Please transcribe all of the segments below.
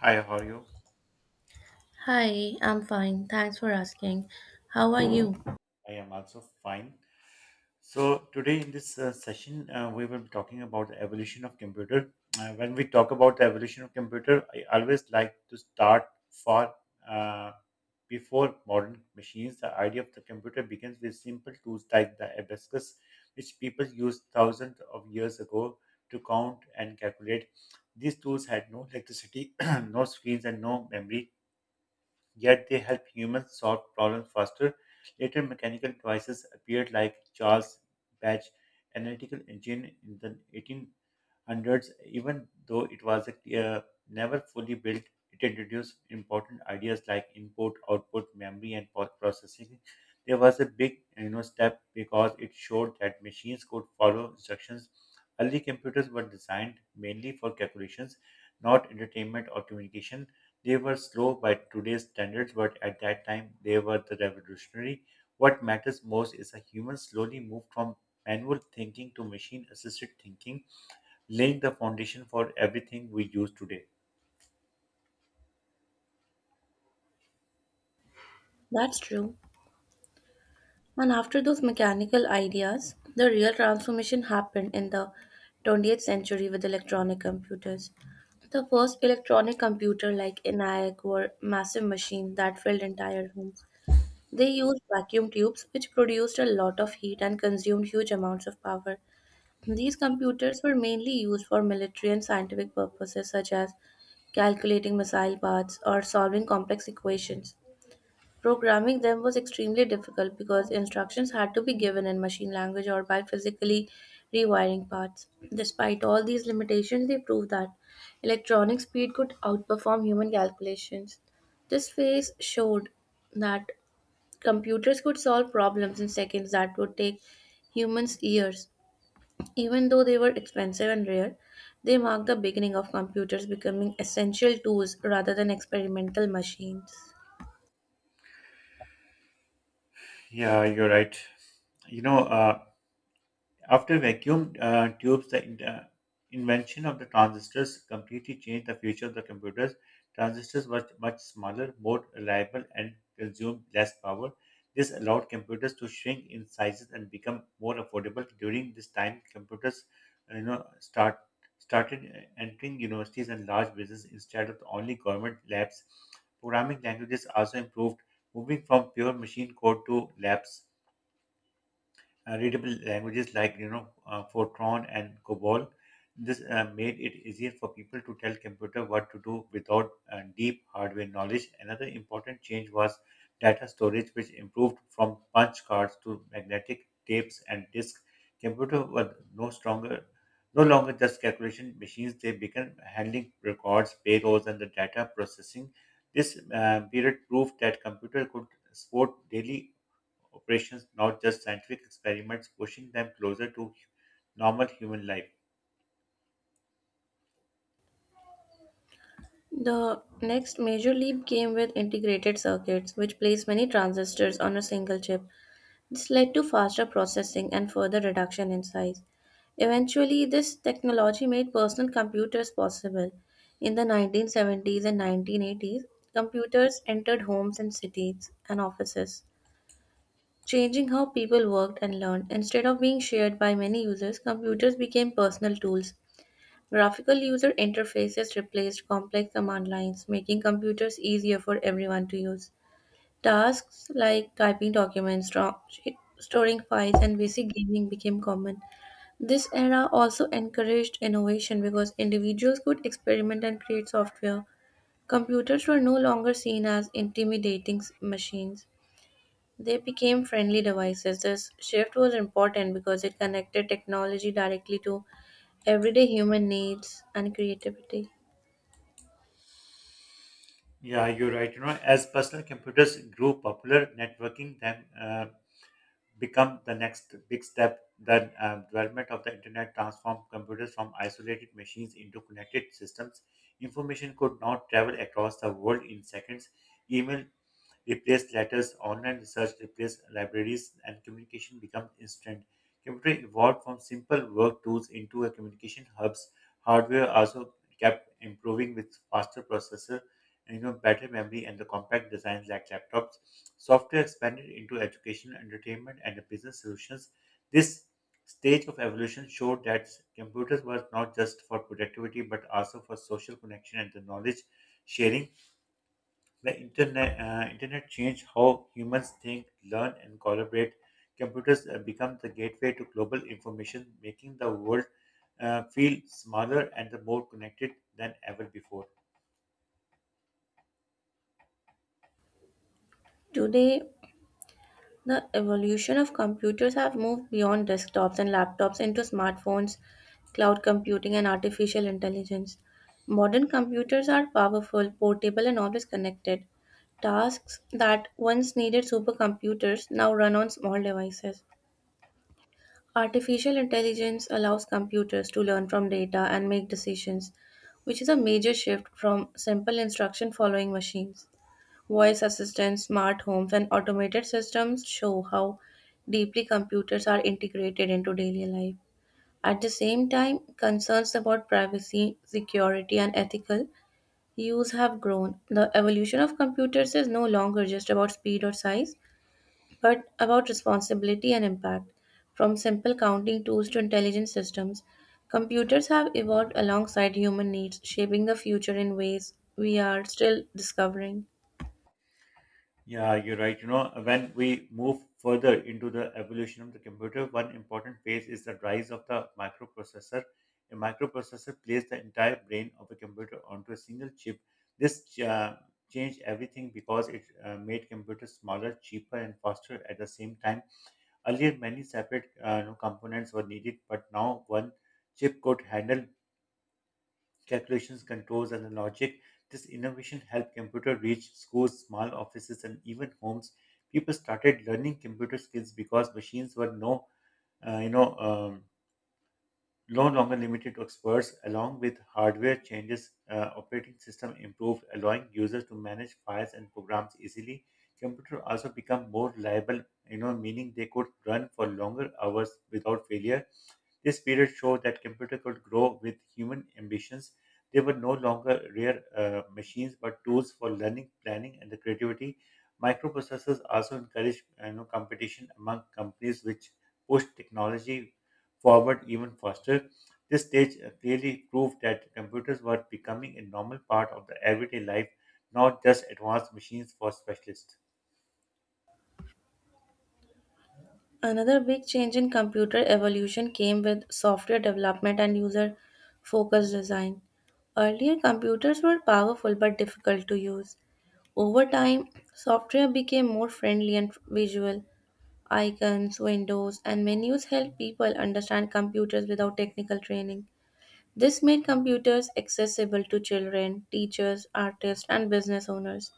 Hi, how are you? Hi, I'm fine. Thanks for asking. How are you? I am also fine. So today in this session, we will be talking about the evolution of computer. When we talk about the evolution of computer, I always like to start far uh, before modern machines. The idea of the computer begins with simple tools like the abacus, which people used thousands of years ago to count and calculate. These tools had no electricity, no screens, and no memory yet they help humans solve problems faster. Later, mechanical devices appeared like Charles Batch analytical engine in the hundreds, even though it was uh, never fully built. It introduced important ideas like input, output, memory, and processing. There was a big step because it showed that machines could follow instructions. Early computers were designed mainly for calculations, not entertainment or communication. They were slow by today's standards, but at that time they were the revolutionary. What matters most is that humans slowly moved from manual thinking to machine assisted thinking laying the foundation for everything we use today. That's true. And after those mechanical ideas, the real transformation happened in the 20th century with electronic computers. The first electronic computer like ENIAC were massive machines that filled entire rooms. They used vacuum tubes which produced a lot of heat and consumed huge amounts of power. These computers were mainly used for military and scientific purposes such as calculating missile paths, or solving complex equations. Programming them was extremely difficult because instructions had to be given in machine language or by physically rewiring parts. Despite all these limitations, they proved that electronic speed could outperform human calculations. This phase showed that computers could solve problems in seconds that would take humans years. Even though they were expensive and rare, they marked the beginning of computers becoming essential tools rather than experimental machines. Yeah, you're right. You know, uh, After vacuum tubes, the invention of the transistors completely changed the future of the computers. Transistors were much smaller, more reliable, and consumed less power. This allowed computers to shrink in sizes and become more affordable. During this time, computers, uh, you know, start started entering universities and large business instead of only government labs. Programming languages also improved, moving from pure machine code to labs readable languages like Fortran and COBOL. This made it easier for people to tell computer what to do without deep hardware knowledge. Another important change was data storage, which improved from punch cards to magnetic tapes and disks. Computer were no stronger, no longer just calculation machines. They began handling records, payrolls, and the data processing. This period proved that computer could support daily operations, not just scientific experiments, pushing them closer to normal human life. The next major leap came with integrated circuits, which placed many transistors on a single chip. This led to faster processing and further reduction in size. Eventually, this technology made personal computers possible. In the 1970s and 1980s, computers entered homes and cities and offices, changing how people worked and learned. Instead of being shared by many users, computers became personal tools. Graphical user interfaces replaced complex command lines, making computers easier for everyone to use. Tasks like typing documents, storing files, and basic gaming became common. This era also encouraged innovation because individuals could experiment and create software. Computers were no longer seen as intimidating machines. They became friendly devices. This shift was important because it connected technology directly to everyday human needs and creativity. Yeah, you're right. You know, as personal computers grew popular, networking then become the next big step. The development of the internet transformed computers from isolated machines into connected systems. Information could now travel across the world in seconds. Email replaced letters, online research replaced libraries, and communication became instant. Computer evolved from simple work tools into a communication hubs. Hardware also kept improving with faster processor and better memory and the compact designs like laptops. Software expanded into education, entertainment, and business solutions. This stage of evolution showed that computers were not just for productivity but also for social connection and the knowledge sharing the internet changed how humans think, learn, and collaborate. Computers become the gateway to global information, making the world feel smaller and more connected than ever before. Today, the evolution of computers have moved beyond desktops and laptops into smartphones, cloud computing and artificial intelligence. Modern computers are powerful, portable and always connected. Tasks that once needed supercomputers now run on small devices. Artificial intelligence allows computers to learn from data and make decisions, which is a major shift from simple instruction following machines. Voice assistants, smart homes, and automated systems show how deeply computers are integrated into daily life. At the same time, concerns about privacy, security, and ethical use have grown. The evolution of computers is no longer just about speed or size, but about responsibility and impact. From simple counting tools to intelligent systems, computers have evolved alongside human needs, shaping the future in ways we are still discovering. Yeah, you're right. You know, when we move further into the evolution of the computer, one important phase is the rise of the microprocessor. A microprocessor places the entire brain of a computer onto a single chip. This changed everything because it made computers smaller, cheaper, and faster at the same time. Earlier, many separate components were needed, but now one chip could handle calculations, controls, and the logic. This innovation helped computer reach schools, small offices, and even homes. People started learning computer skills because machines were uh, you know, um, no longer limited to experts. Along with hardware changes, operating system improved, allowing users to manage files and programs easily. Computer also become more reliable, meaning they could run for longer hours without failure. This period showed that computers could grow with human ambitions. They were no longer rare machines, but tools for learning, planning, and the creativity. Microprocessors also encouraged competition among companies, which pushed technology forward even faster. This stage clearly proved that computers were becoming a normal part of the everyday life, not just advanced machines for specialists. Another big change in computer evolution came with software development and user focused design. Earlier, computers were powerful but difficult to use. Over time, software became more friendly and visual. Icons, windows, and menus help people understand computers without technical training. This made computers accessible to children, teachers, artists, and business owners.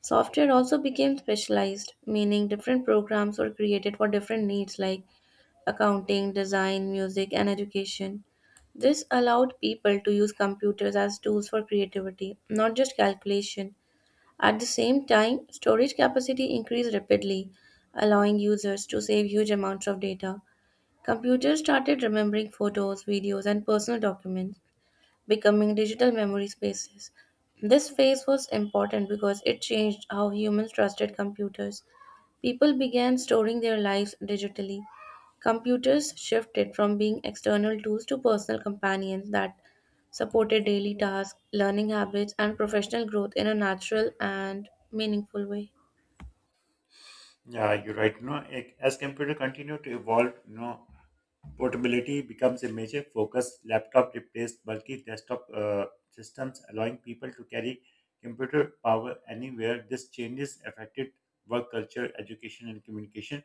Software also became specialized, meaning different programs were created for different needs like accounting, design, music, and education. This allowed people to use computers as tools for creativity, not just calculation. At the same time, storage capacity increased rapidly, allowing users to save huge amounts of data. Computers started remembering photos, videos, and personal documents, becoming digital memory spaces. This phase was important because it changed how humans trusted computers. People began storing their lives digitally. Computers shifted from being external tools to personal companions that supported daily tasks, learning habits, and professional growth in a natural and meaningful way. Yeah, you're right. As computer continue to evolve, portability becomes a major focus. Laptop replaced bulky desktop systems, allowing people to carry computer power anywhere. This changes affected work culture, education, and communication.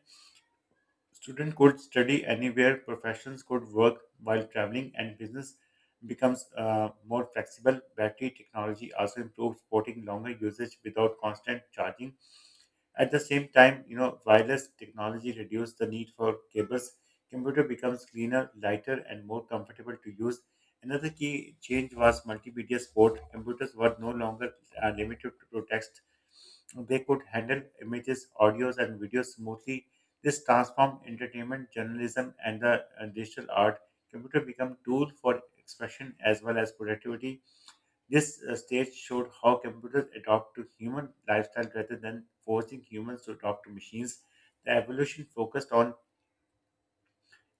Students could study anywhere, professions could work while traveling, and business becomes more flexible. Battery technology also improves supporting longer usage without constant charging. At the same time, wireless technology reduces the need for cables. Computer becomes cleaner, lighter, and more comfortable to use. Another key change was multimedia support. Computers were no longer limited to text. They could handle images, audios, and videos smoothly. This transformed entertainment, journalism, and the digital art. Computer become tool for expression as well as productivity. This stage showed how computers adapt to human lifestyle rather than forcing humans to adopt to machines. The evolution focused on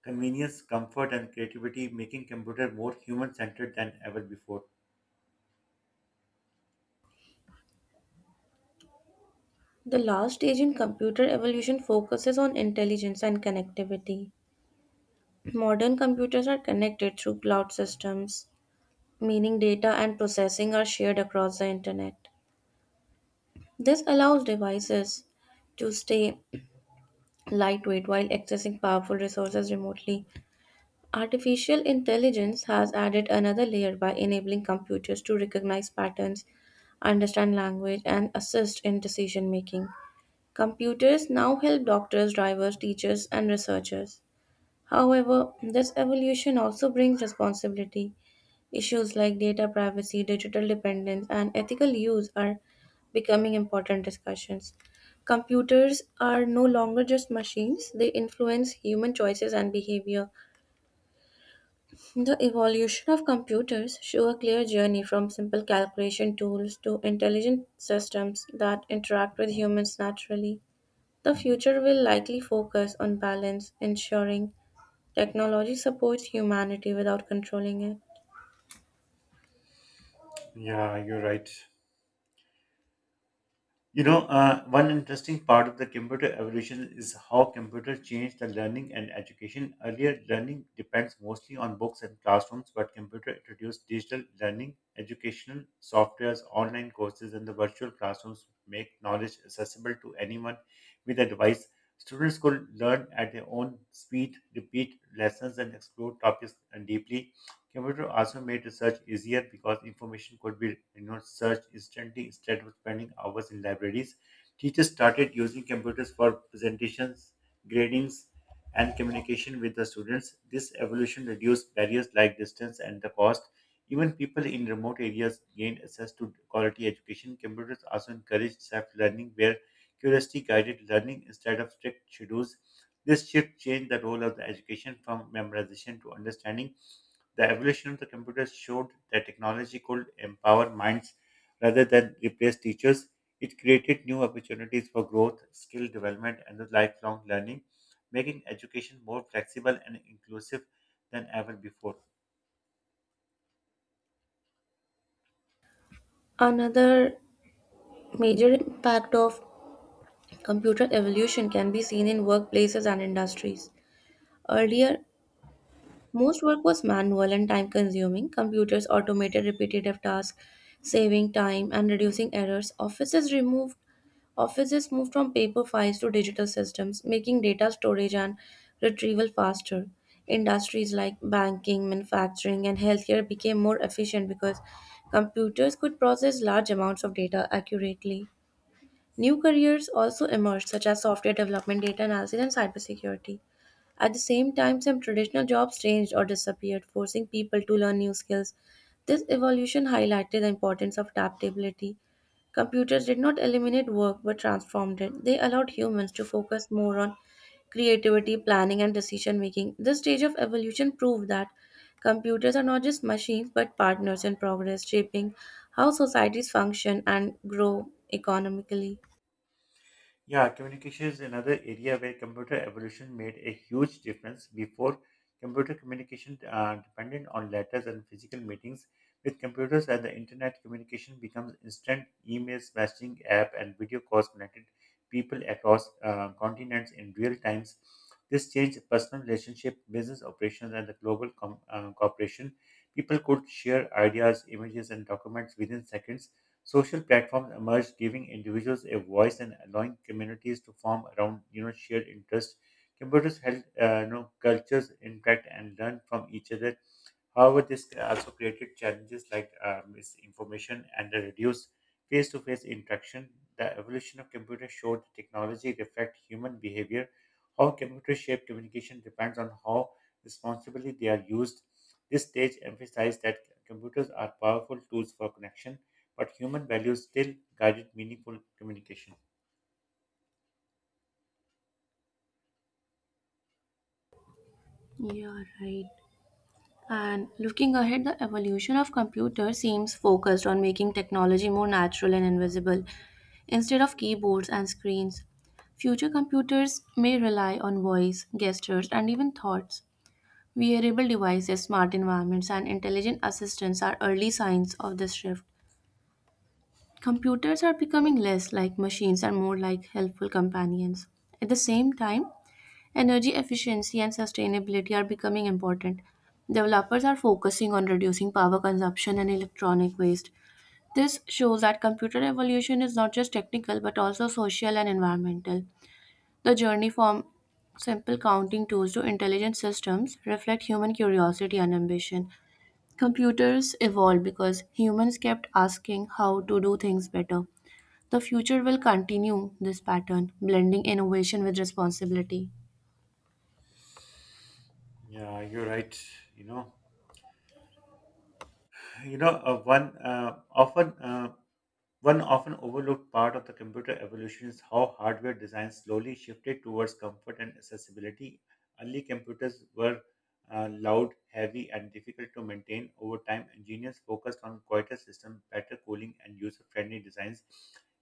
convenience, comfort, and creativity, making computer more human-centered than ever before. The last stage in computer evolution focuses on intelligence and connectivity. Modern computers are connected through cloud systems, meaning data and processing are shared across the internet. This allows devices to stay lightweight while accessing powerful resources remotely. Artificial intelligence has added another layer by enabling computers to recognize patterns, understand language, and assist in decision making. Computers now help doctors, drivers, teachers, and researchers. However, this evolution also brings responsibility. Issues like data privacy, digital dependence, and ethical use are becoming important discussions. Computers are no longer just machines, they influence human choices and behavior. The evolution of computers show a clear journey from simple calculation tools to intelligent systems that interact with humans naturally. The future will likely focus on balance, ensuring technology supports humanity without controlling it. Yeah, you're right. One interesting part of the computer evolution is how computers changed the learning and education. Earlier, learning depends mostly on books and classrooms, but computer introduced digital learning, educational softwares, online courses, and the virtual classrooms make knowledge accessible to anyone with a device. Students could learn at their own speed, repeat lessons, and explore topics deeply. Computer also made research easier because information could be searched instantly instead of spending hours in libraries. Teachers started using computers for presentations, gradings, and communication with the students. This evolution reduced barriers like distance and the cost. Even people in remote areas gained access to quality education. Computers also encouraged self-learning where curiosity guided learning instead of strict schedules. This shift changed the role of the education from memorization to understanding. The evolution of the computers showed that technology could empower minds rather than replace teachers. It created new opportunities for growth, skill development, and the lifelong learning, making education more flexible and inclusive than ever before. Another major impact of computer evolution can be seen in workplaces and industries. Earlier, most work was manual and time consuming. Computers automated repetitive tasks, saving time and reducing errors. Offices moved from paper files to digital systems, making data storage and retrieval faster. Industries like banking, manufacturing, and healthcare became more efficient because computers could process large amounts of data accurately. New careers also emerged, such as software development, data analysis, and cybersecurity. At the same time, some traditional jobs changed or disappeared, forcing people to learn new skills. This evolution highlighted the importance of adaptability. Computers did not eliminate work but transformed it. They allowed humans to focus more on creativity, planning, and decision making. This stage of evolution proved that computers are not just machines but partners in progress, shaping how societies function and grow economically. Yeah, communication is another area where computer evolution made a huge difference. Before, computer communication depended on letters and physical meetings. With computers and the internet, communication becomes instant. Emails, messaging app, and video calls connected people across continents in real times. This changed personal relationship, business operations, and the global cooperation. People could share ideas, images, and documents within seconds. Social platforms emerged, giving individuals a voice and allowing communities to form around shared interests. Computers help cultures interact and learn from each other. However, this also created challenges like misinformation and a reduced face-to-face interaction. The evolution of computers showed that technology reflects human behavior. How computers shape communication depends on how responsibly they are used. This stage emphasized that computers are powerful tools for connection, but human values still guided meaningful communication. Yeah, right. And looking ahead, the evolution of computers seems focused on making technology more natural and invisible instead of keyboards and screens. Future computers may rely on voice, gestures, and even thoughts. Wearable devices, smart environments, and intelligent assistants are early signs of this shift. Computers are becoming less like machines and more like helpful companions. At the same time, energy efficiency and sustainability are becoming important. Developers are focusing on reducing power consumption and electronic waste. This shows that computer evolution is not just technical but also social and environmental. The journey from simple counting tools to intelligent systems reflect human curiosity and ambition. Computers evolved because humans kept asking how to do things better. The future will continue this pattern, blending innovation with responsibility. Yeah, you're right. You know, you know, one often. One often overlooked part of the computer evolution is how hardware design slowly shifted towards comfort and accessibility. Early computers were loud, heavy, and difficult to maintain. Over time, engineers focused on quieter systems, better cooling, and user-friendly designs.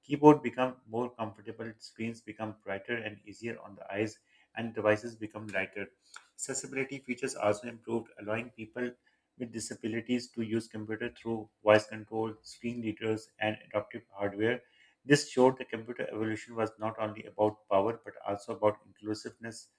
Keyboard become more comfortable, screens become brighter and easier on the eyes, and devices become lighter. Accessibility features also improved, allowing people with disabilities to use computer through voice control, screen readers, and adaptive hardware. This showed the computer evolution was not only about power but also about inclusiveness.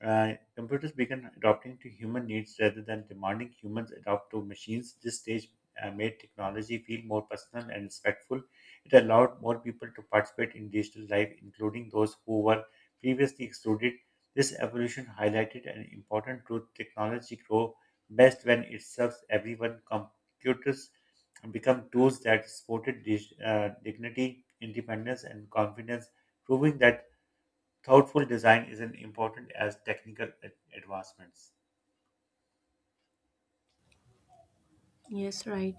Computers began adapting to human needs rather than demanding humans adapt to machines. This stage made technology feel more personal and respectful. It allowed more people to participate in digital life, including those who were previously excluded. This evolution highlighted an important truth technology grows best when it serves everyone. Computers become tools that supported dignity, independence, and confidence, proving that thoughtful design is as important as technical advancements. Yes, right.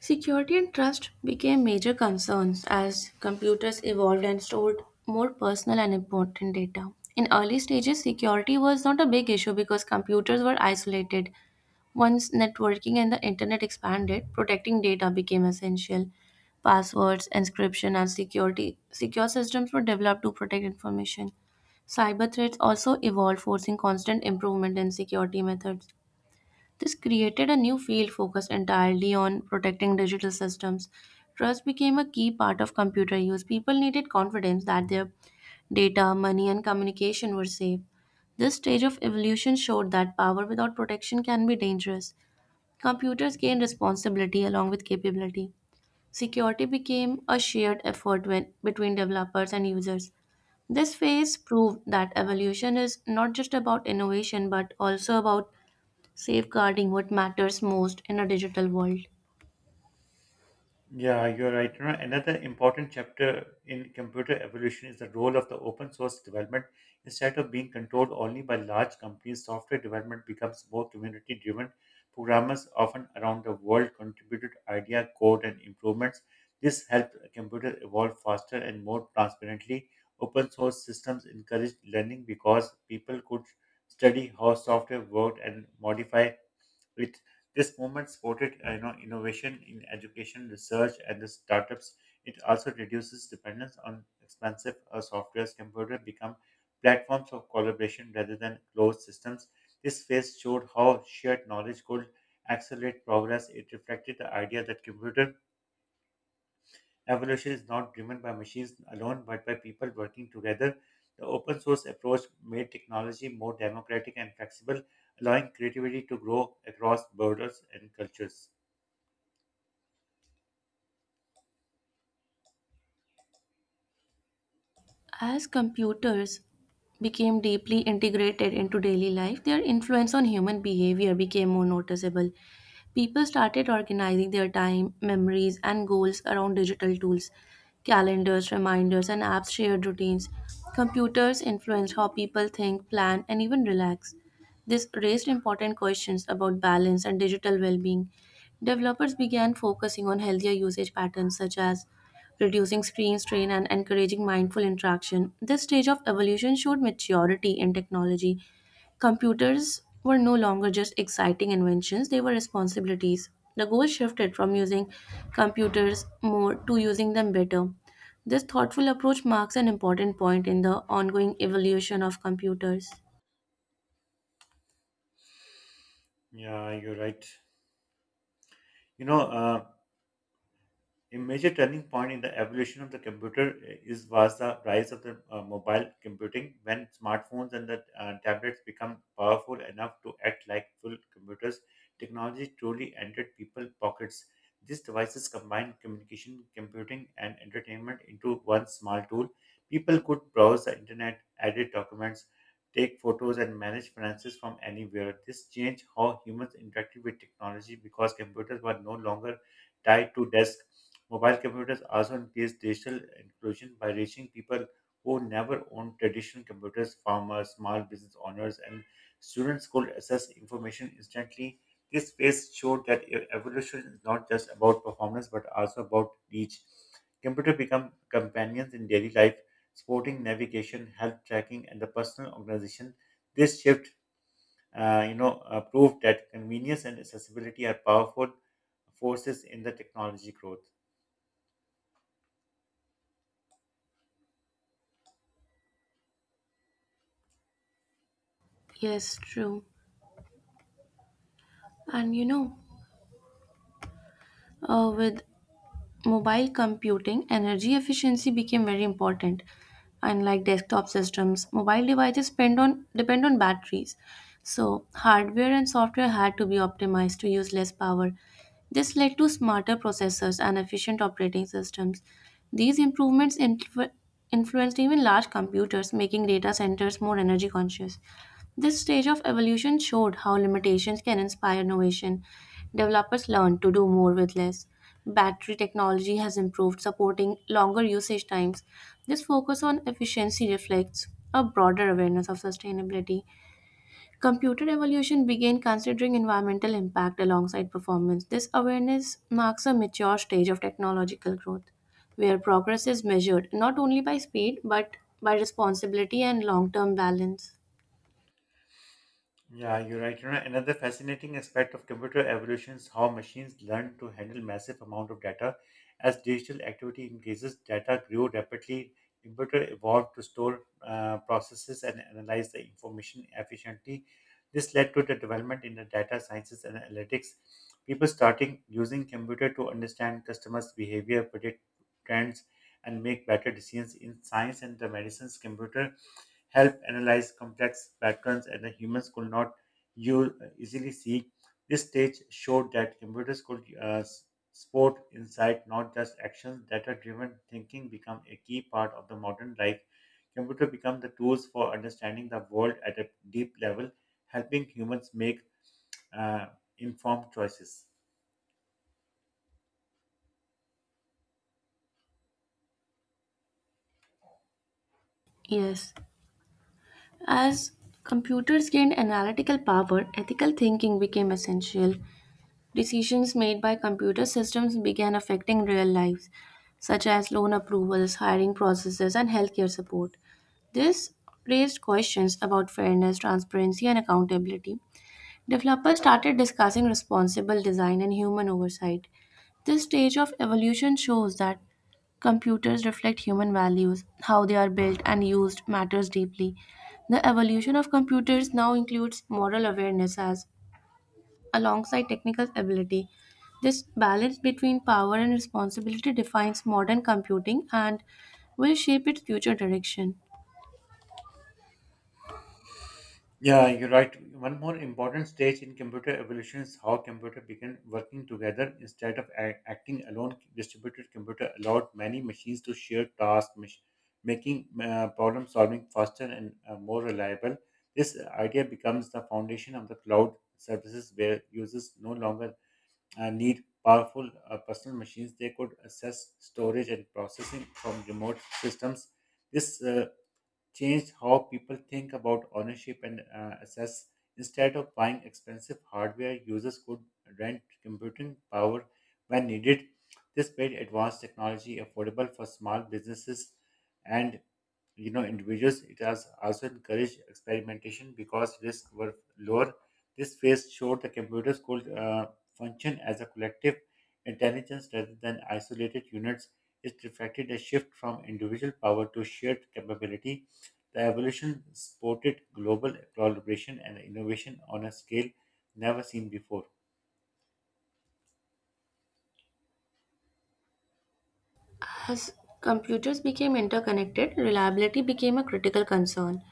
Security and trust became major concerns as computers evolved and stored more personal and important data. In early stages, security was not a big issue because computers were isolated. Once networking and the internet expanded, protecting data became essential. Passwords, encryption, and security secure systems were developed to protect information. Cyber threats also evolved, forcing constant improvement in security methods. This created a new field focused entirely on protecting digital systems. Trust became a key part of computer use. People needed confidence that their data, money, and communication were safe. This stage of evolution showed that power without protection can be dangerous. Computers gained responsibility along with capability. Security became a shared effort when, between developers and users. This phase proved that evolution is not just about innovation but also about safeguarding what matters most in a digital world. Yeah, you're right. You know, another important chapter in computer evolution is the role of the open source development. Instead of being controlled only by large companies, software development becomes more community driven. Programmers often around the world contributed idea, code, and improvements. This helped computer evolve faster and more transparently. Open source systems encouraged learning because people could study how software worked and modify with this movement supported innovation in education, research, and the startups. It also reduces dependence on expensive softwares. Computer become platforms of collaboration rather than closed systems. This phase showed how shared knowledge could accelerate progress. It reflected the idea that computer Evolution is not driven by machines alone, but by people working together. The open source approach made technology more democratic and flexible, allowing creativity to grow across borders and cultures. As computers became deeply integrated into daily life, their influence on human behavior became more noticeable. People started organizing their time, memories, and goals around digital tools, calendars, reminders, and apps shared routines. Computers influenced how people think, plan, and even relax. This raised important questions about balance and digital well being. Developers began focusing on healthier usage patterns such as reducing screen strain and encouraging mindful interaction. This stage of evolution showed maturity in technology. Computers were no longer just exciting inventions, they were responsibilities. The goal shifted from using computers more to using them better. This thoughtful approach marks an important point in the ongoing evolution of computers. Yeah, you're right. You know, uh, A major turning point in the evolution of the computer eh, is was the rise of the mobile computing when smartphones and the tablets become powerful enough to act like full computers. Technology truly entered people's pockets. These devices combined communication, computing, and entertainment into one small tool. People could browse the internet, edit documents, take photos, and manage finances from anywhere. This changed how humans interacted with technology because computers were no longer tied to desks. Mobile computers also increase digital inclusion by reaching people who never owned traditional computers. Farmers, small business owners, and students could access information instantly. This phase showed that evolution is not just about performance but also about reach. Computers become companions in daily life, supporting navigation, health tracking, and the personal organization. This shift, proved that convenience and accessibility are powerful forces in the technology growth. Yes, true. And you know, with mobile computing, energy efficiency became very important. Unlike desktop systems, mobile devices depend on batteries. So hardware and software had to be optimized to use less power. This led to smarter processors and efficient operating systems. These influenced even large computers, making data centers more energy conscious. This stage of evolution showed how limitations can inspire innovation. Developers learned to do more with less. Battery technology has improved, supporting longer usage times. This focus on efficiency reflects a broader awareness of sustainability. Computer evolution began considering environmental impact alongside performance. This awareness marks a mature stage of technological growth, where progress is measured not only by speed but by responsibility and long term balance. Yeah, you're right. You know, another fascinating aspect of computer evolution is how machines learn to handle massive amount of data. As digital activity increases, data grew rapidly. Computer evolved to store processes and analyze the information efficiently. This led to the development in the data sciences and analytics. People starting using computer to understand customers' behavior, predict trends, and make better decisions in science and the medicines. Computer help analyze complex patterns that the humans could not easily see. This stage showed that computers could sport insight, not just actions. Data-driven thinking became a key part of the modern life. Computer become the tools for understanding the world at a deep level, helping humans make uh, informed choices. Yes. As computers gained analytical power, ethical thinking became essential. Decisions made by computer systems began affecting real lives, such as loan approvals, hiring processes, and healthcare support. This raised questions about fairness, transparency, and accountability. Developers started discussing responsible design and human oversight. This stage of evolution shows that computers reflect human values. How they are built and used matters deeply. The evolution of computers now includes moral awareness as alongside technical ability. This balance between power and responsibility defines modern computing and will shape its future direction. Yeah, you're right. One more important stage in computer evolution is how computer began working together instead of acting alone. Distributed computer allowed many machines to share tasks, making problem solving faster and more reliable. This idea becomes the foundation of the cloud services where users no longer need powerful personal machines. They could access storage and processing from remote systems. This changed how people think about ownership and assess. Instead of buying expensive hardware, users could rent computing power when needed. This made advanced technology affordable for small businesses and, you know, individuals. It has also encouraged experimentation because risks were lower. This phase showed the computers could function as a collective intelligence rather than isolated units. It reflected a shift from individual power to shared capability. The evolution supported global collaboration and innovation on a scale never seen before. As computers became interconnected, reliability became a critical concern.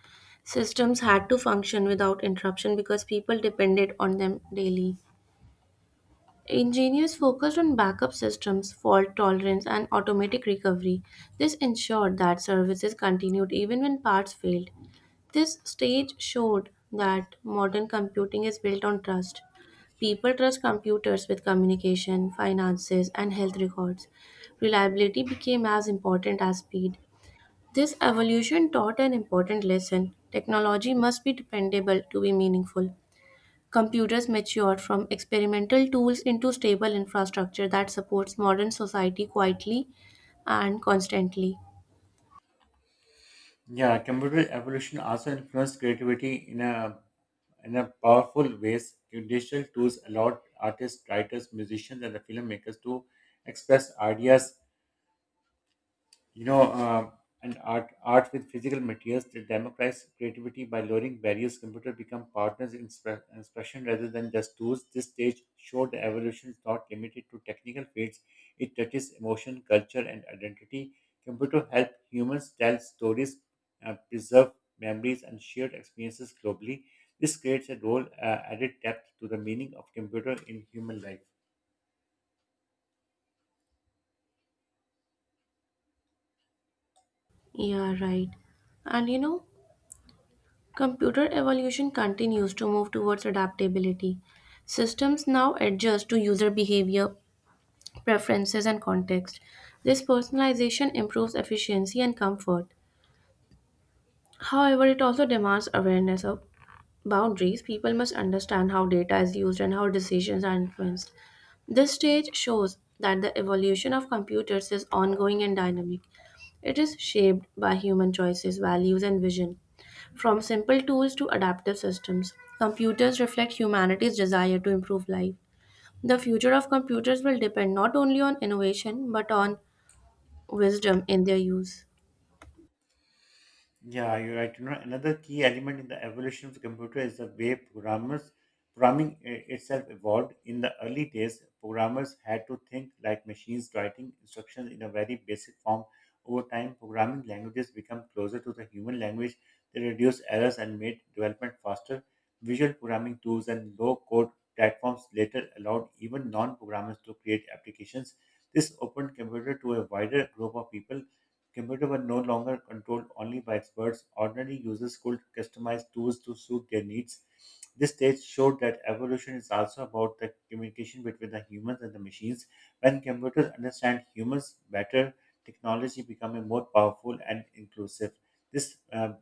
Systems had to function without interruption because people depended on them daily. Engineers focused on backup systems, fault tolerance, and automatic recovery. This ensured that services continued even when parts failed. This stage showed that modern computing is built on trust. People trust computers with communication, finances, and health records. Reliability became as important as speed. This evolution taught an important lesson technology must be dependable to be meaningful. Computers matured from experimental tools into stable infrastructure that supports modern society quietly and constantly. Yeah, computer evolution also influenced creativity in a powerful ways. Digital tools allowed artists, writers, musicians, and the filmmakers to express ideas, you know, um, and art with physical materials to democratize creativity by lowering barriers. Computer become partners in expression rather than just tools. This stage showed the evolution is not limited to technical fields. It touches emotion, culture, and identity. Computer help humans tell stories, preserve memories, and shared experiences globally. This creates a role added depth to the meaning of computer in human life. Yeah, right. And you know, computer evolution continues to move towards adaptability. Systems now adjust to user behavior, preferences, and context. This personalization improves efficiency and comfort. However, it also demands awareness of boundaries. People must understand how data is used and how decisions are influenced. This stage shows that the evolution of computers is ongoing and dynamic. It is shaped by human choices, values, and vision. From simple tools to adaptive systems, computers reflect humanity's desire to improve life. The future of computers will depend not only on innovation but on wisdom in their use. Yeah, you're right. You know, another key element in the evolution of the computer is the way itself evolved. In the early days, programmers had to think like machines writing instructions in a very basic form. Over time, programming languages become closer to the human language. They reduced errors and made development faster. Visual programming tools and low-code platforms later allowed even non-programmers to create applications. This opened computer to a wider group of people. Computers were no longer controlled only by experts. Ordinary users could customize tools to suit their needs. This stage showed that evolution is also about the communication between the humans and the machines. When computers understand humans better, technology becoming more powerful and inclusive. This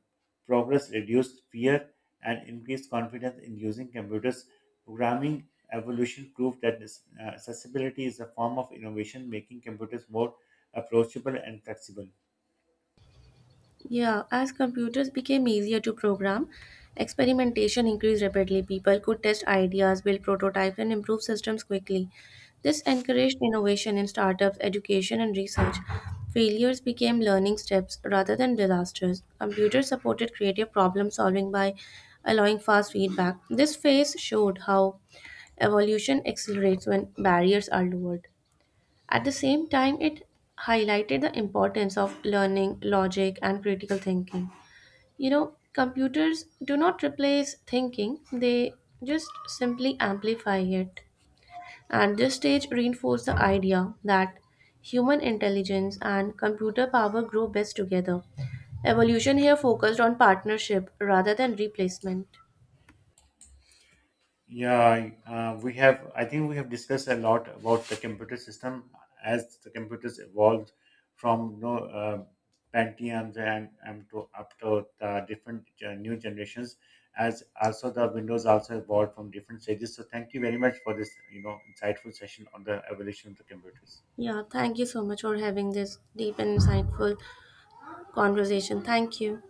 progress reduced fear and increased confidence in using computers. Programming evolution proved that accessibility is a form of innovation, making computers more approachable and flexible. Yeah, as computers became easier to program, experimentation increased rapidly. People could test ideas, build prototypes, and improve systems quickly. This encouraged innovation in startups, education, and research. Failures became learning steps rather than disasters. Computers supported creative problem solving by allowing fast feedback. This phase showed how evolution accelerates when barriers are lowered. At the same time, it highlighted the importance of learning, logic, and critical thinking. You know, computers do not replace thinking, they just simply amplify it. And this stage reinforced the idea that human intelligence and computer power grow best together. Evolution here focused on partnership rather than replacement. Yeah, we have. I think we have discussed a lot about the computer system as the computers evolved from, Pentiums and, to up to the new generations. As also the Windows also evolved from different stages. So thank you very much for this, you know, insightful session on the evolution of the computers. Yeah, thank you so much for having this deep and insightful conversation. Thank you.